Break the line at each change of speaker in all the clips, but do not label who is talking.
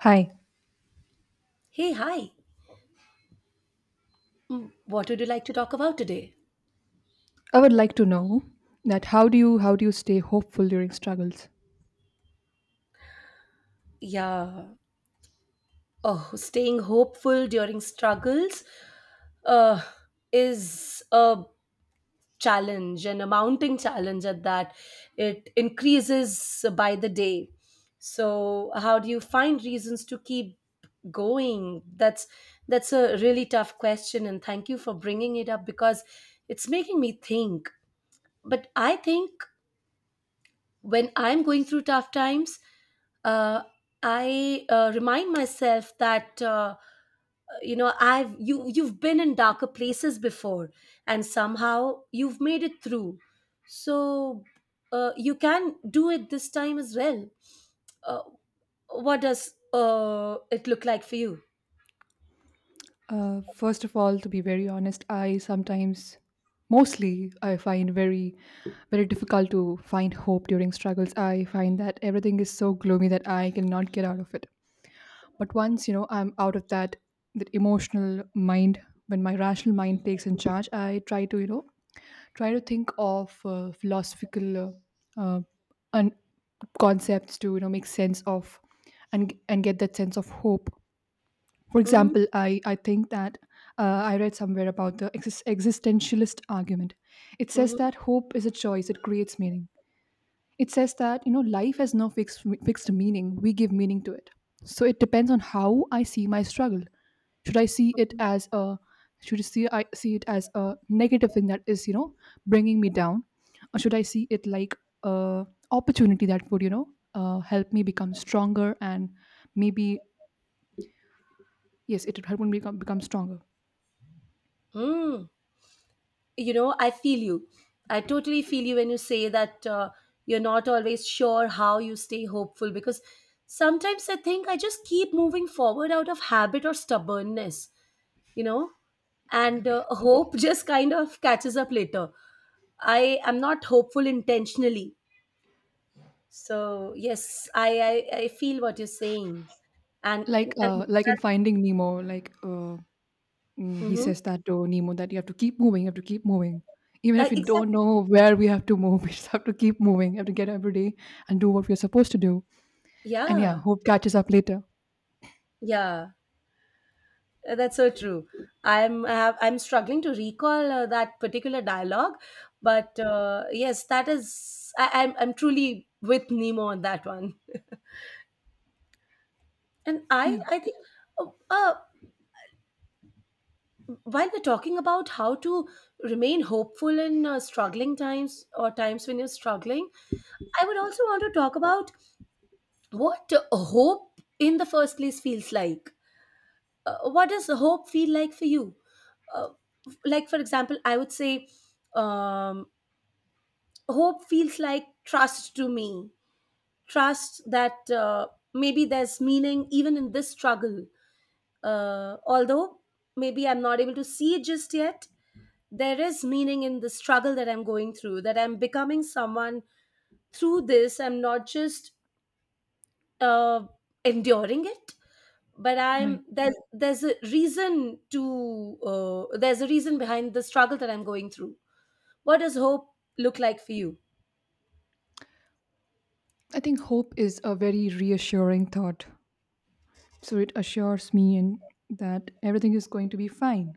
Hi,
Hey, hi. What would you like to talk about today?
I would like to know that how do you stay hopeful during struggles?
Yeah. Oh, staying hopeful during struggles uh, is a challenge and a mounting challenge at that. It increases by the day. So, how do you find reasons to keep going? That's a really tough question, and thank you for bringing it up because it's making me think. But I think when I'm going through tough times, uh, I remind myself that you know I've you you've been in darker places before, and somehow you've made it through. So you can do it this time as well. Uh, what does it look like for you?
First of all, to be very honest, I sometimes, mostly, I find very difficult to find hope during struggles. I find that everything is so gloomy that I cannot get out of it. But once I'm out of that emotional mind, when my rational mind takes in charge, I try to try to think of philosophical uh, uh, un- concepts to make sense of and get that sense of hope. For
Mm-hmm.
example, I think that I read somewhere about the existentialist argument. It says
Mm-hmm.
that hope is a choice, it creates meaning. It says that life has no fixed meaning, we give meaning to it. So it depends on how I see my struggle. should i see it
Mm-hmm.
as a should I see it as a negative thing that is bringing me down, or should I see it like a opportunity that would help me become stronger? And maybe yes, it would help me become stronger.
Hmm. you know I feel you. I totally feel you when you say that you're not always sure how you stay hopeful because sometimes I think I just keep moving forward out of habit or stubbornness you know and
Okay,
hope just kind of catches up later. I am not hopeful intentionally, so yes I feel what you're saying. and
like,
and
like in
that's,
Finding Nemo. He
mhm.
says that to Nemo that you have to keep moving, you have to keep moving. Even if you don't
Exactly.
know where we have to move, we just have to keep moving. You have to get every day and do what we're supposed to do. And yeah,
yeah
hope catches up later.
yeah That's so true. I'm struggling to recall that particular dialogue, but yes, that is I'm truly with Nemo on that one. And
Yeah,
I think uh, uh, while we're talking about how to remain hopeful in struggling times or times when you're struggling, I would also want to talk about what hope in the first place feels like. What does hope feel like for you? Uh, like for example, I would say um, hope feels like trust to me, trust that maybe there's meaning even in this struggle, although maybe I'm not able to see it just yet. There is meaning in the struggle that I'm going through, that I'm becoming someone through this. I'm not just uh, enduring it, but
right.
I'm there's a reason to there's a reason behind the struggle that I'm going through. What does hope look like for you?
I think hope is a very reassuring thought. So it assures me and that everything is going to be fine,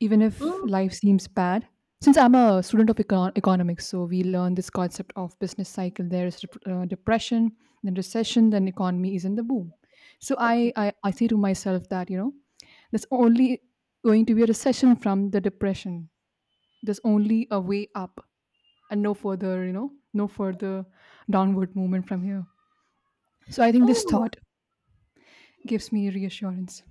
even if life
Mm.
seems bad. Since I'm a student of economics, so we learn this concept of business cycle. There is depression, then recession, then economy is in the boom. So I,
Okay.
I I say to myself that you know there's only going to be a recession from the depression. There's only a way up and no further, no further downward movement from here. So I think this
Oh,
thought gives me reassurance.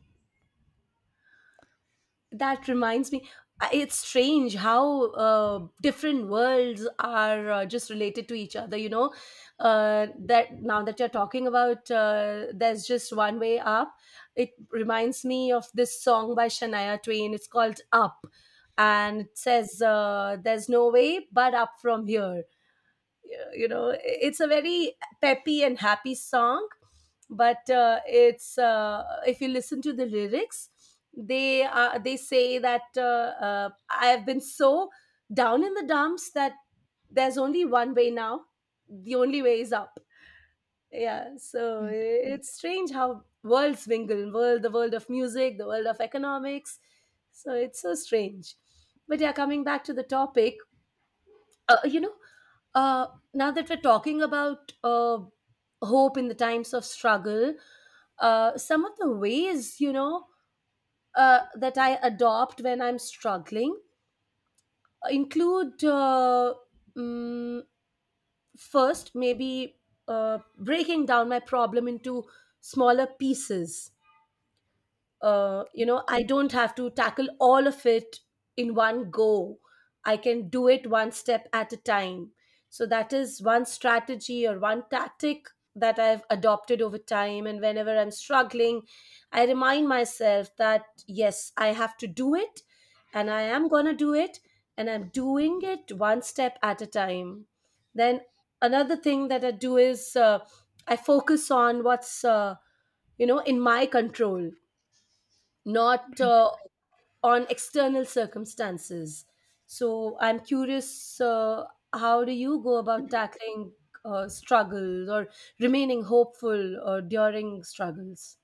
that reminds me. It's strange how different worlds are just related to each other. You know, that now that you're talking about there's just one way up, it reminds me of this song by Shania Twain. It's called Up, and it says there's no way but up from here. Yeah, you know, it's a very peppy and happy song, but it's if you listen to the lyrics, they say that I have been so down in the dumps that there's only one way now. The only way is up. Yeah, so
Right.
it's strange how worlds mingle world the world of music, the world of economics. So it's so strange. But yeah, coming back to the topic, uh, you know uh, now that we're talking about hope in the times of struggle, some of the ways, you know, that I adopt when I'm struggling include mm, first maybe breaking down my problem into smaller pieces. You know, I don't have to tackle all of it in one go. I can do it one step at a time. So that is one strategy or one tactic that I've adopted over time, and whenever I'm struggling, I remind myself that yes, I have to do it, and I am going to do it, and I'm doing it one step at a time. Then another thing that I do is I focus on what's you know, in my control, not
Right.
on external circumstances. So I'm curious, how do you go about tackling struggles or remaining hopeful or during struggles?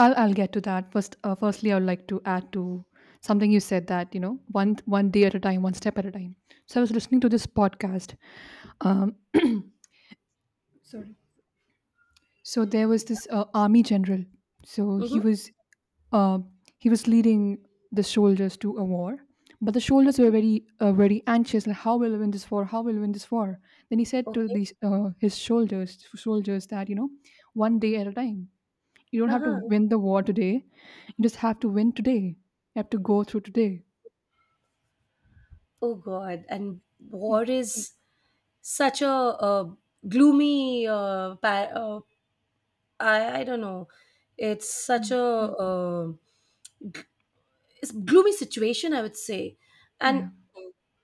I'll get to that. Firstly, I would like to add to something you said that you know one day at a time, one step at a time. So I was listening to this podcast. Um, Sorry. So there was this army general. So
Hmm.
uh, he was leading the soldiers to a war, but the soldiers were very very anxious. Like, how will we win this war? How will we win this war? Then he said to
Okay.
these his soldiers that you know one day at a time. You don't have to
Uh-huh.
win the war today. You just have to win today. You have to go through today.
Oh God. And
Yeah.
war is such a, gloomy, I don't know. It's
Yeah.
such a it's gloomy situation, I would say. And
Yeah.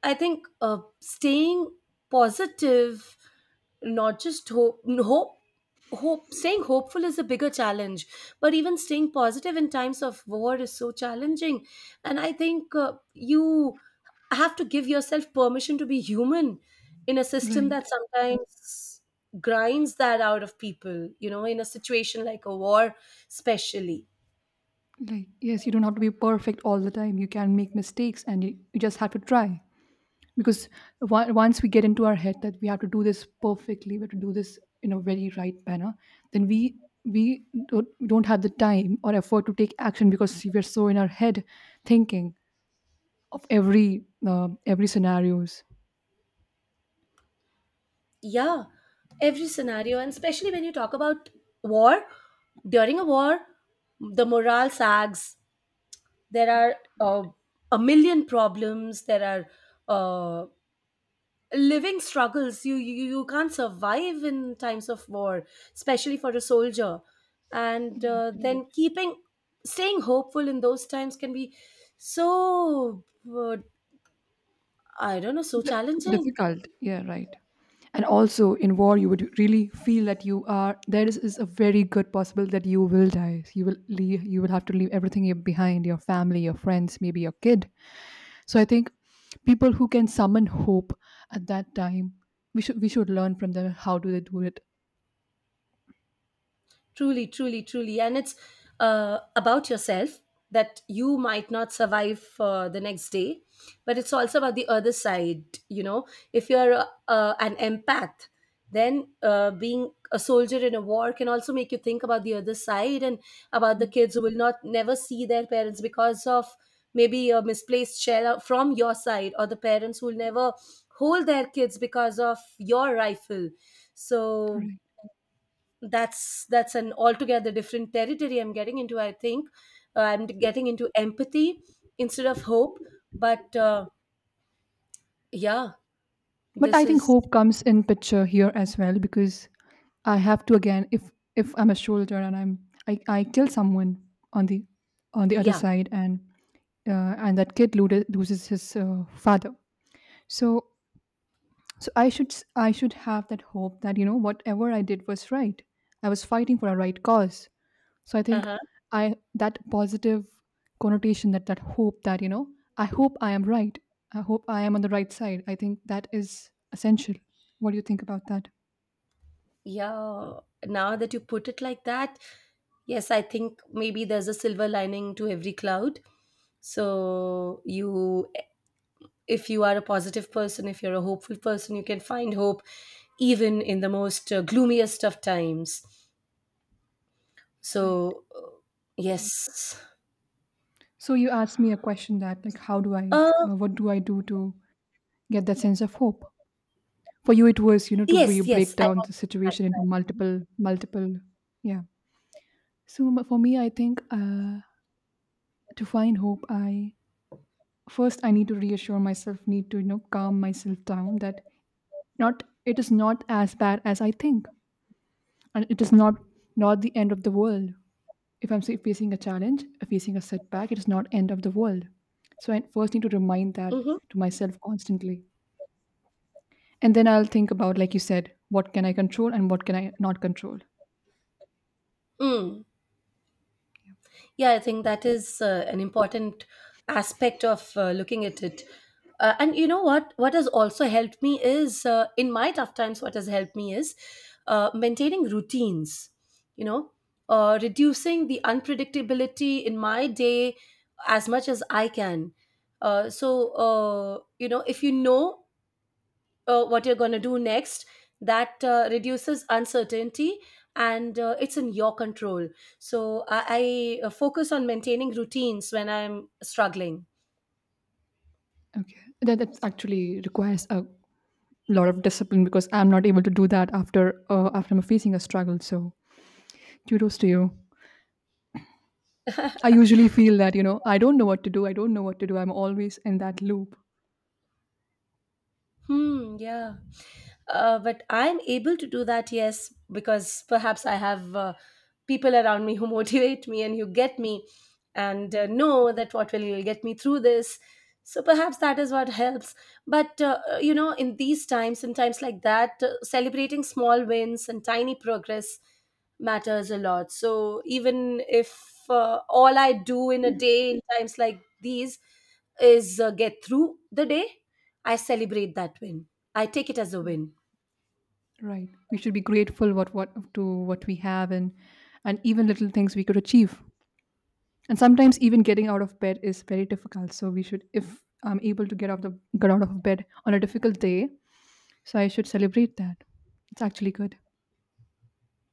I think staying positive, not just hope hope, staying hopeful is a bigger challenge, but even staying positive in times of war is so challenging. And I think you have to give yourself permission to be human in a system
Right.
that sometimes grinds that out of people, you know, in a situation like a war especially.
Like, yes, you don't have to be perfect all the time. You can make mistakes and you just have to try. Because once we get into our head that we have to do this perfectly, we have to do this in a very right manner, then we don't have the time or effort to take action because we're so in our head thinking of every scenarios.
Yeah, every scenario, and especially when you talk about war, during a war, the morale sags. There are a million problems. There are living struggles. You can't survive in times of war, especially for a soldier. And Right. Then staying hopeful in those times can be so, uh, I don't know, so
D-
challenging.
Difficult, yeah, right. And also in war you would really feel that you are there is a very good possible that you will die, you will have to leave everything behind, your family, your friends, maybe your kid. So I think people who can summon hope at that time, we should learn from them how do they do it.
Truly, truly, truly. And it's about yourself, that you might not survive for the next day, but it's also about the other side. You know, if you're an empath, then being a soldier in a war can also make you think about the other side, and about the
Mm,
kids who will not never see their parents because of maybe a misplaced shell from your side, or the parents who will never hold their kids because of your rifle. So
right,
that's an altogether different territory I'm getting into. I think I'm getting into empathy instead of hope. But yeah,
but I
this
think
is
hope comes in picture here as well because I have to again, if I'm a soldier and I kill someone on the other
yeah.
side and that kid loses his father. So I should have that hope that you know whatever I did was right, I was fighting for a right cause. So I think
Uh-huh.
I that positive connotation, that hope that you know I hope I am right, I hope I am on the right side, I think that is essential. What do you think about that?
Yeah, now that you put it like that, yes, I think maybe there's a silver lining to every cloud. So you, if you are a positive person, if you're a hopeful person, you can find hope even in the most gloomiest of times.
Right.
So yes.
So you asked me a question that like how do I
Uh,
what do I do to get that sense of hope. For you it was you know to
yes, yes,
break
I
down
want
the
to
situation into multiple yeah. So for me I think to find hope, I need to reassure myself, need to you know calm myself down that not, it is not as bad as I think, and it is not the end of the world. If I'm say, facing a challenge, facing a setback, it is not end of the world. So I first need to remind
think like
that
that. Hmm.
to myself constantly, and then I'll think about like you said, what can I control and what can I not control.
Mm. Yeah, I think that is an important aspect of looking at it. And you know what? What has also helped me is in my tough times. What has helped me is maintaining routines. You know, reducing the unpredictability in my day as much as I can. You know, if you know what you're going to do next, that reduces uncertainty, and it's in your control. So I focus on maintaining routines when I'm struggling.
Okay, that actually requires a lot of discipline because I'm not able to do that after after I'm facing a struggle. So kudos to you. I usually feel that you know I don't know what to do. I don't know what to do. I'm always in that loop.
Hmm. Yeah. But I'm able to do that, yes, because perhaps I have people around me who motivate me and who get me, and
Mm.
know that what will get me through this. So perhaps that is what helps. But, you know, in these times, in times like that, celebrating small wins and tiny progress matters a lot. So even if all I do in a day in times like these is get through the day, I celebrate that win. I take it as a win.
Right. We should be grateful what we have, and even little things we could achieve. And sometimes even getting out of bed is very difficult. So we should, if I'm able to get out of bed on a difficult day, so I should celebrate that. It's actually good.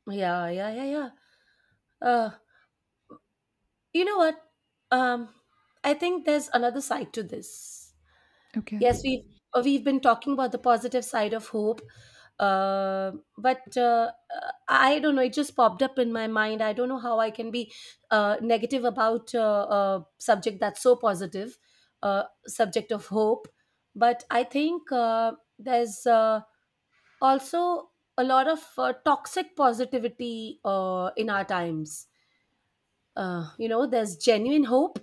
Yeah, yeah, yeah, yeah. Uh, you know what? Um, I think there's another side to this.
Okay.
Yes, we've been talking about the positive side of hope, uh, but I don't know. It just popped up in my mind. I don't know how I can be negative about a subject that's so positive, subject of hope. But I think there's also a lot of toxic positivity in our times. You know, there's genuine hope,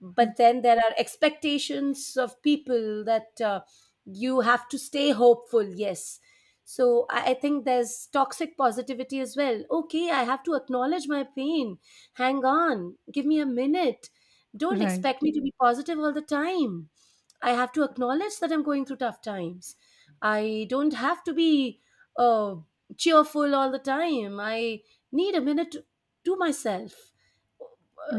but then there are expectations of people that you have to stay hopeful. Yes, so I think there's toxic positivity as well. Okay, I have to acknowledge my pain. Hang on, give me a minute. Don't
Right.
expect me to be positive all the time. I have to acknowledge that I'm going through tough times. I don't have to be uh, cheerful all the time. I need a minute to myself.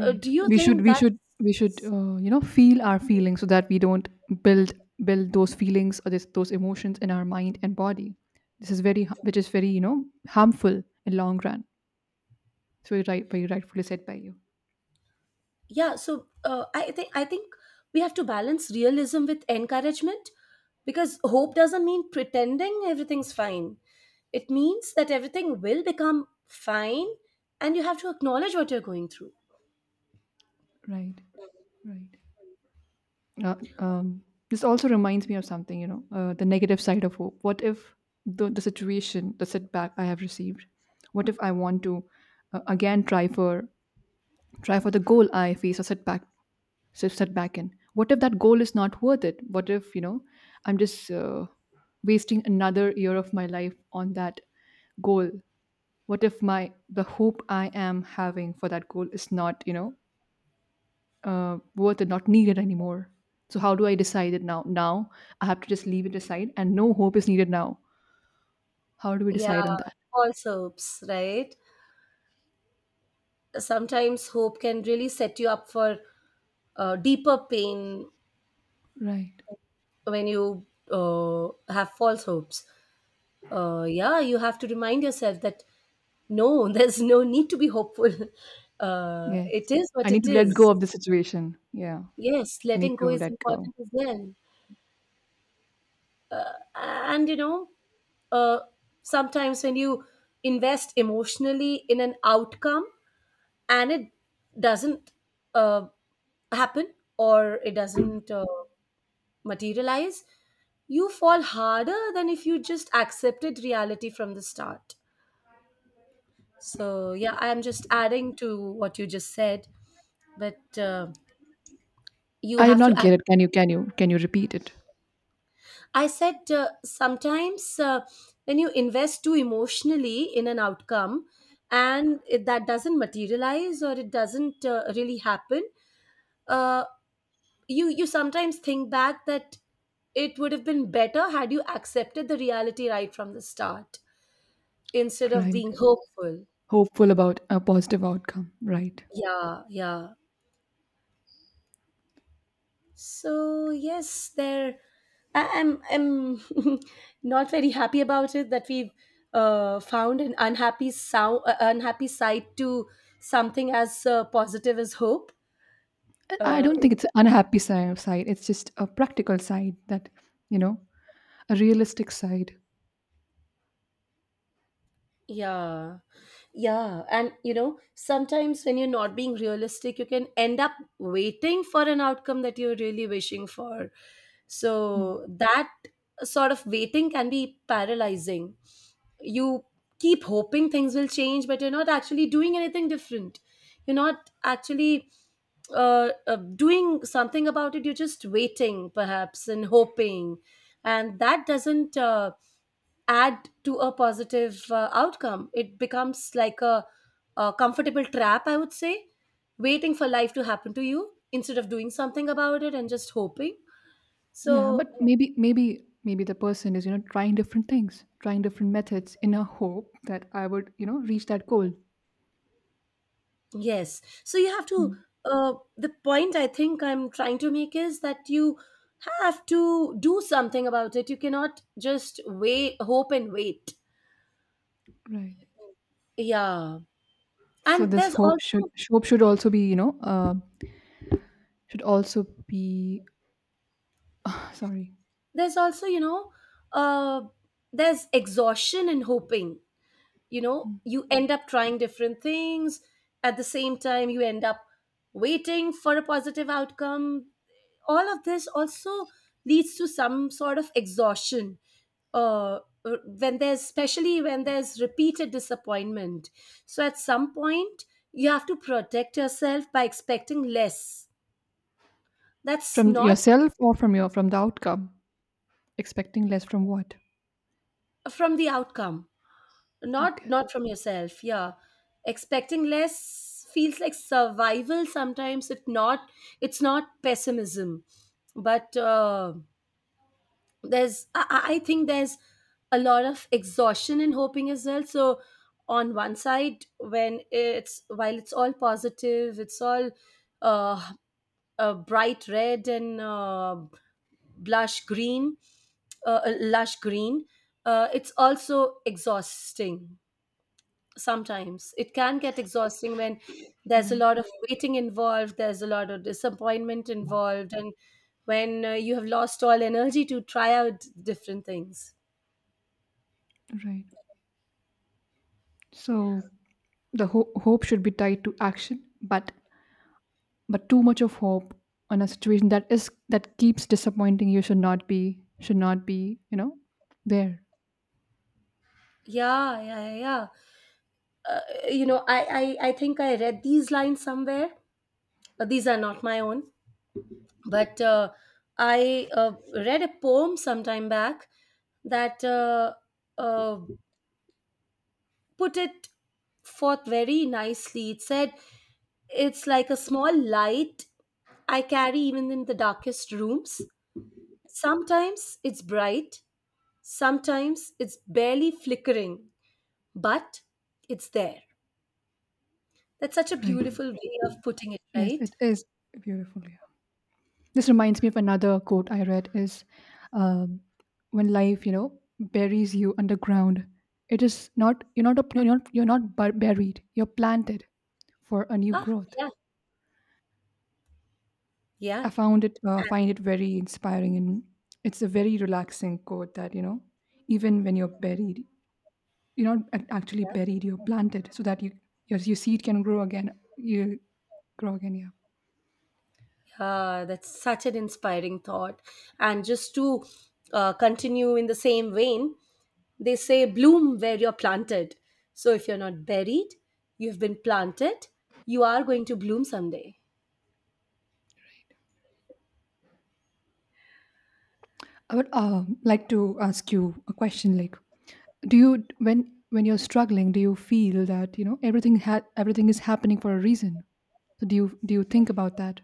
Do you think that?
We should you know feel our feelings so that we don't build build those feelings or those emotions in our mind and body. This is very you know harmful in long run. So you right, but you rightfully said by you.
Yeah. So I think we have to balance realism with encouragement, because hope doesn't mean pretending everything's fine. It means that everything will become fine, and you have to acknowledge what you're going through.
Right, right. Uh, um, this also reminds me of something, you know, the negative side of hope. What if the situation, the setback I have received, what if I want to again try for the goal I face a setback, so setback in? What if that goal is not worth it? What if you know I'm just wasting another year of my life on that goal? What if my the hope I am having for that goal is not you know worth it, not needed anymore. So how do I decide it now? Now I have to just leave it aside, and no hope is needed now. How do we
Yeah.
decide on that?
All soaps, right? Sometimes hope can really set you up for deeper pain
Right.
when you have false hopes. Yeah, you have to remind yourself that no, there's no need to be hopeful.
Yes.
It is what
I need
it
to let go
is.
of the situation. Yeah.
Yes,
I need
letting
to
go is
let go.
important as well. And you know, uh, sometimes when you invest emotionally in an outcome and it doesn't uh, happen, or it doesn't materialize, you fall harder than if you just accepted reality from the start. So, yeah, I am just adding to what you just said, but you
I did
have
not
to
get
act.
it. Can you? Can you? Can you repeat it?
I said sometimes when you invest too emotionally in an outcome and that doesn't materialize or it doesn't really happen, uh, you sometimes think back that it would have been better had you accepted the reality right from the start instead of
Right.
being hopeful.
Hopeful about a positive outcome. Right.
Yeah, yeah. So yes, there, I'm not very happy about it that we've found an unhappy sound unhappy side to something as positive as hope.
I
uh,
don't think it's an unhappy side. It's just a practical side that you know, a realistic side.
Yeah. Yeah. And you know, sometimes when you're not being realistic, you can end up waiting for an outcome that you're really wishing for. So that sort of waiting can be paralyzing. You keep hoping things will change, but you're not actually doing anything different. You're not actually doing something about it. You're just waiting, perhaps, and hoping. And that doesn't. Add to a positive outcome. It becomes like a comfortable trap, I would say, waiting for life to happen to you instead of doing something about it and just hoping.
Yeah,
So,
but maybe the person is, you know, trying different things, trying different methods in a hope that I would, you know, reach that goal.
yes. So, you have to,
Mm.
the point I think I'm trying to make is that you have to do something about it. You cannot just wait, hope and wait.
Right.
Yeah.
So
And
this hope should also be, you know, should also be sorry,
there's also, you know, uh, there's exhaustion in hoping. You know, you end up trying different things. At the same time, you end up waiting for a positive outcome. All of this also leads to some sort of exhaustion, uh, when there's, especially when there's repeated disappointment. So at some point you have to protect yourself by expecting less. That's
from
not,
yourself or from your from the outcome. Expecting less from what?
from the outcome, not
Okay.
not from yourself, yeah. Expecting less feels like survival sometimes, if not. It's not pessimism, but there's, I think there's a lot of exhaustion in hoping as well. So on one side, when it's, while it's all positive, it's all uh, bright red and blush green, lush green. It's also exhausting. Sometimes it can get exhausting when there's a
Right.
lot of waiting involved, there's a lot of disappointment involved, and when you have lost all energy to try out different things.
Right. So the hope should be tied to action, but too much of hope on a situation that is that keeps disappointing you should not be, you know there.
Yeah, yeah, yeah, yeah. You know, I think I read these lines somewhere, but these are not my own. But I read a poem sometime back that uh, put it forth very nicely. It said it's like a small light I carry even in the darkest rooms. Sometimes it's bright, sometimes it's barely flickering, but it's there. That's such a
Right,
beautiful way of putting it,
yes,
right?
it is beautiful, yeah. This reminds me of another quote I read, is um, when life you know buries you underground, it is not, you're not buried, you're planted for a new
Ah,
growth.
yeah, yeah.
I found it
And
find it very inspiring, and it's a very relaxing quote that you know even when you're buried, you're not actually buried, you're planted so that you, your seed can grow again, you grow again, yeah.
that's such an inspiring thought. And just to continue in the same vein, they say bloom where you're planted. So if you're not buried, you've been planted, you are going to bloom someday.
I would like to ask you a question like, do you, when you're struggling, do you feel that you know everything is happening for a reason? So do you think about that?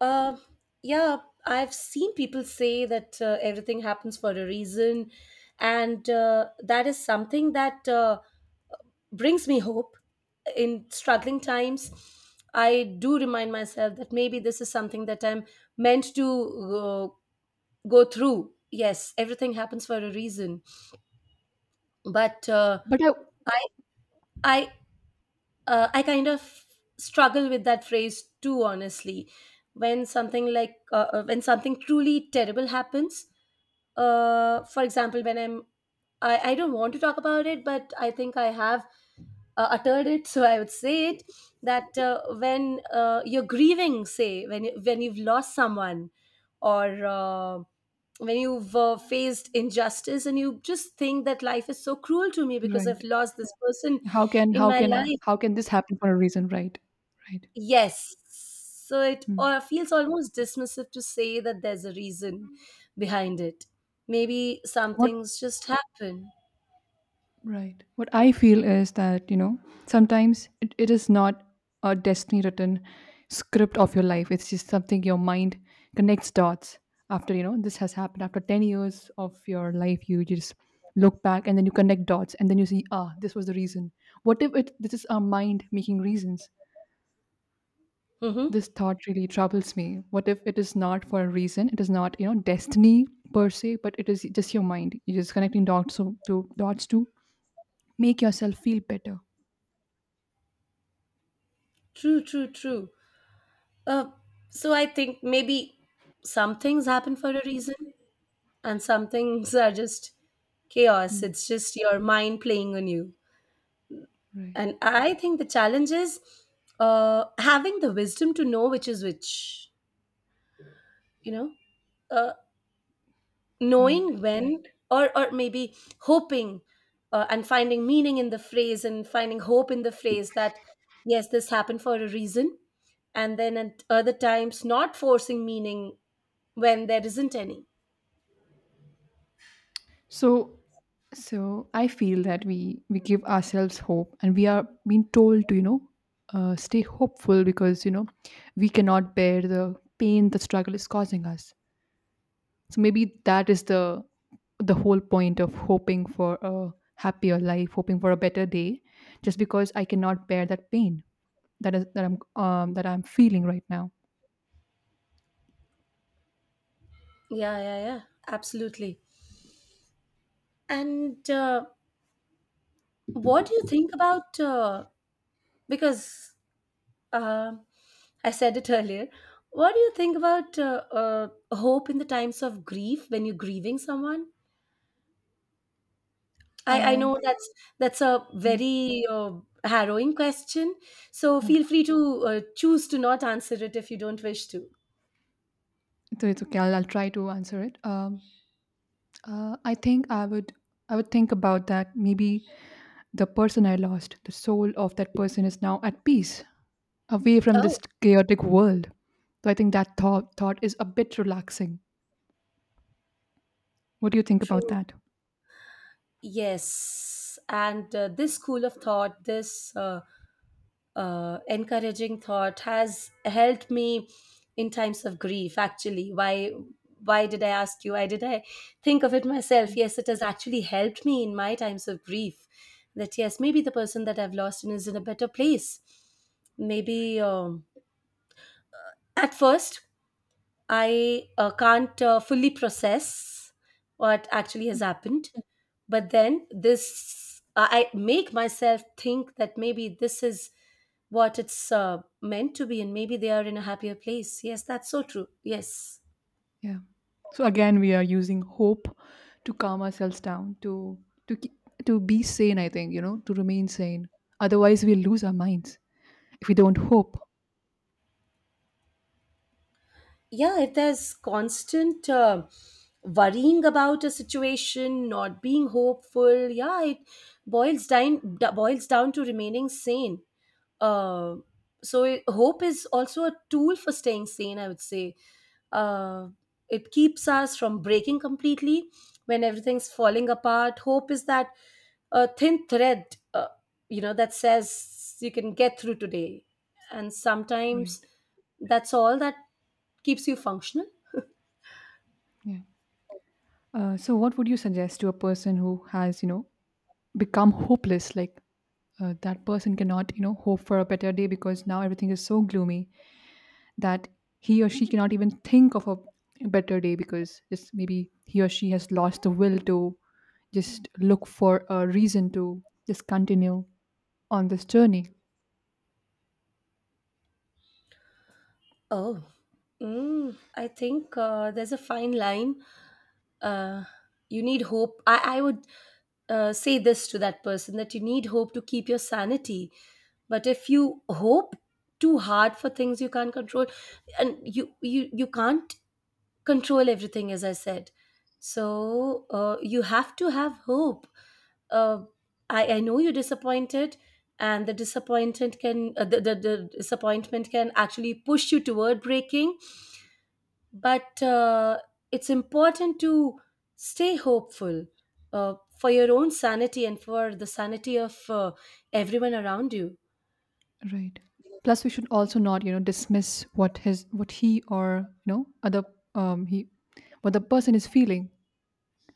Uh, yeah, I've seen people say that everything happens for a reason, and that is something that brings me hope in struggling times. I do remind myself that maybe this is something that I'm meant to go through. Yes, everything happens for a reason, but
but I,
I I I kind of struggle with that phrase too, honestly. When something like when something truly terrible happens, for example, when I'm I don't want to talk about it, but I think I have uttered it, so I would say it that when you're grieving, say when when you've lost someone, or when you've faced injustice and you just think that life is so cruel to me because
right.
I've lost this person in my life.
How can this happen for a reason, right? Right.
Yes. So it
Hmm.
feels almost dismissive to say that there's a reason behind it. Maybe some
What?
things just happen.
Right. What I feel is that, you know, sometimes it is not a destiny written script of your life. It's just something your mind connects dots after, you know, this has happened. After 10 years of your life, you just look back and then you connect dots and then you see, ah, this was the reason. What if it this is our mind making reasons?
Mm-hmm.
This thought really troubles me. What if it is not for a reason? It is not, you know, destiny per se, but it is just your mind. You're just connecting dots to dots to make yourself feel better.
True, true, true. Uh, so I think maybe some things happen for a reason, and some things are just chaos.
Mm,
It's just your mind playing on you.
right,
And I think the challenge is having the wisdom to know which is which, you know? uh,
right.
Knowing when, or maybe hoping, and finding meaning in the phrase and finding hope in the phrase that yes, this happened for a reason, and then at other times not forcing meaning when there isn't any.
So, so I feel that we give ourselves hope, and we are being told to, you know, stay hopeful because, you know, we cannot bear the pain the struggle is causing us. So maybe that is the whole point of hoping for a happier life, hoping for a better day, just because I cannot bear that pain that is that I'm feeling right now.
Yeah, yeah, yeah, absolutely. And what do you think about because uh, I said it earlier, what do you think about hope in the times of grief, when you're grieving someone? I
Um,
know that's a
mm,
very harrowing question. So
yeah.
feel free to choose to not answer it if you don't wish to.
So it's okay. I'll try to answer it. I think I would think about that. Maybe the person I lost, the soul of that person, is now at peace, away from this
Oh,
chaotic world. So I think that thought is a bit relaxing. What do you think about
true.
that?
Yes, and this school of thought, this encouraging thought has helped me in times of grief. Actually, why did I ask you, why did I think of it myself? Yes, it has actually helped me in my times of grief, that yes, maybe the person that I've lost in is in a better place. Maybe at first I can't fully process what actually has happened. But then this, I make myself think that maybe this is what it's meant to be, and maybe they are in a happier place. Yes, that's so true. Yes.
Yeah. So again, we are using hope to calm ourselves down, to to be sane. I think, you know, to remain sane. Otherwise, we'll lose our minds if we don't hope.
Yeah, if there's constant worrying about a situation, not being hopeful, yeah, it boils down, boils down to remaining sane. Uh, so it, hope is also a tool for staying sane, I would say. uh, it keeps us from breaking completely when everything's falling apart. Hope is that thin thread, you know, that says you can get through today, and sometimes
Right.
that's all that keeps you functional.
Yeah. So, what would you suggest to a person who has, you know, become hopeless, like? That person cannot, you know, hope for a better day because now everything is so gloomy that he or she cannot even think of a better day because just maybe he or she has lost the will to just look for a reason to just continue on this journey.
Oh, mm, I think there's a fine line. Uh, you need hope. I would say this to that person, that you need hope to keep your sanity. But if you hope too hard for things you can't control, and you can't control everything, as I said. So you have to have hope. uh, I know you're disappointed, and the disappointment can the disappointment can actually push you toward breaking. But it's important to stay hopeful for your own sanity and for the sanity of everyone around you.
Right. Plus we should also not, you know, dismiss what his what he or, you know, other he what the person is feeling.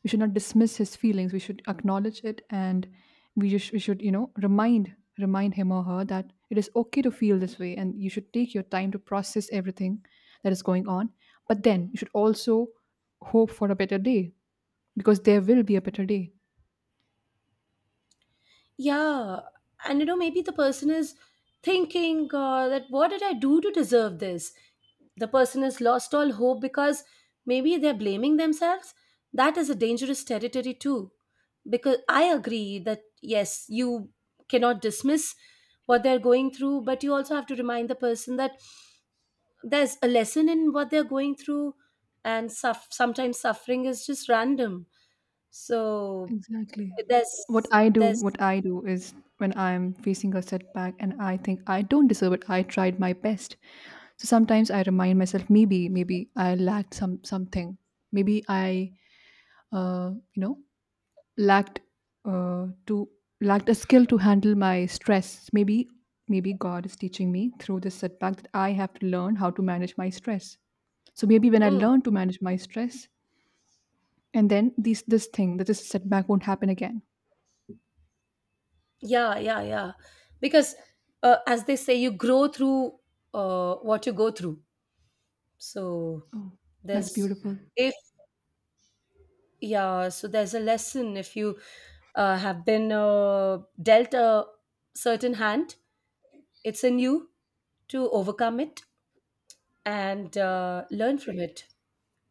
We should not dismiss his feelings. We should acknowledge it, and we just we should, you know, remind him or her that it is okay to feel this way and you should take your time to process everything that is going on. But then you should also hope for a better day, because there will be a better day.
Yeah. And you know, maybe the person is thinking that, what did I do to deserve this? The person has lost all hope because maybe they're blaming themselves. That is a dangerous territory too, because I agree that yes, you cannot dismiss what they're going through, but you also have to remind the person that there's a lesson in what they're going through. And suff, sometimes suffering is just random. So
Exactly. What
there's
I do,
there's
what I do is when I'm facing a setback and I think I don't deserve it, I tried my best. So sometimes I remind myself, maybe, maybe I lacked some something. Maybe I you know lacked to lacked a skill to handle my stress. Maybe maybe god is teaching me through this setback that I have to learn how to manage my stress. So maybe when I
mm,
learn to manage my stress and then this thing that this setback won't happen again.
yeah, yeah, yeah. Because as they say, you grow through what you go through. So
Oh, that's
there's,
beautiful.
if, yeah, so there's a lesson. If you have been dealt a certain hand, it's in you to overcome it and learn from it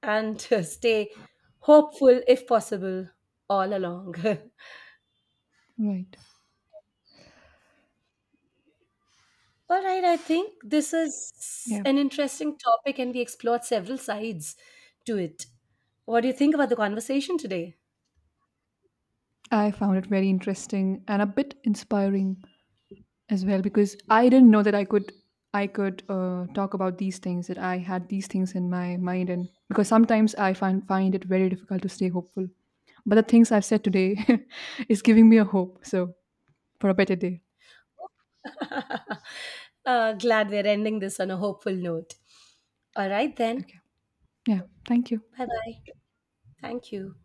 and stay hopeful if possible all along.
Right.
All right, I think this is
Yeah.
an interesting topic and we explored several sides to it. What do you think about the conversation today?
I found it very interesting and a bit inspiring as well, because I didn't know that I could talk about these things that I had these things in my mind. And because sometimes I find it very difficult to stay hopeful. But the things I've said today is giving me a hope. So for a better day.
Glad we're ending this on a hopeful note. All right, then.
Okay. Yeah. Thank you.
Bye bye. Thank you.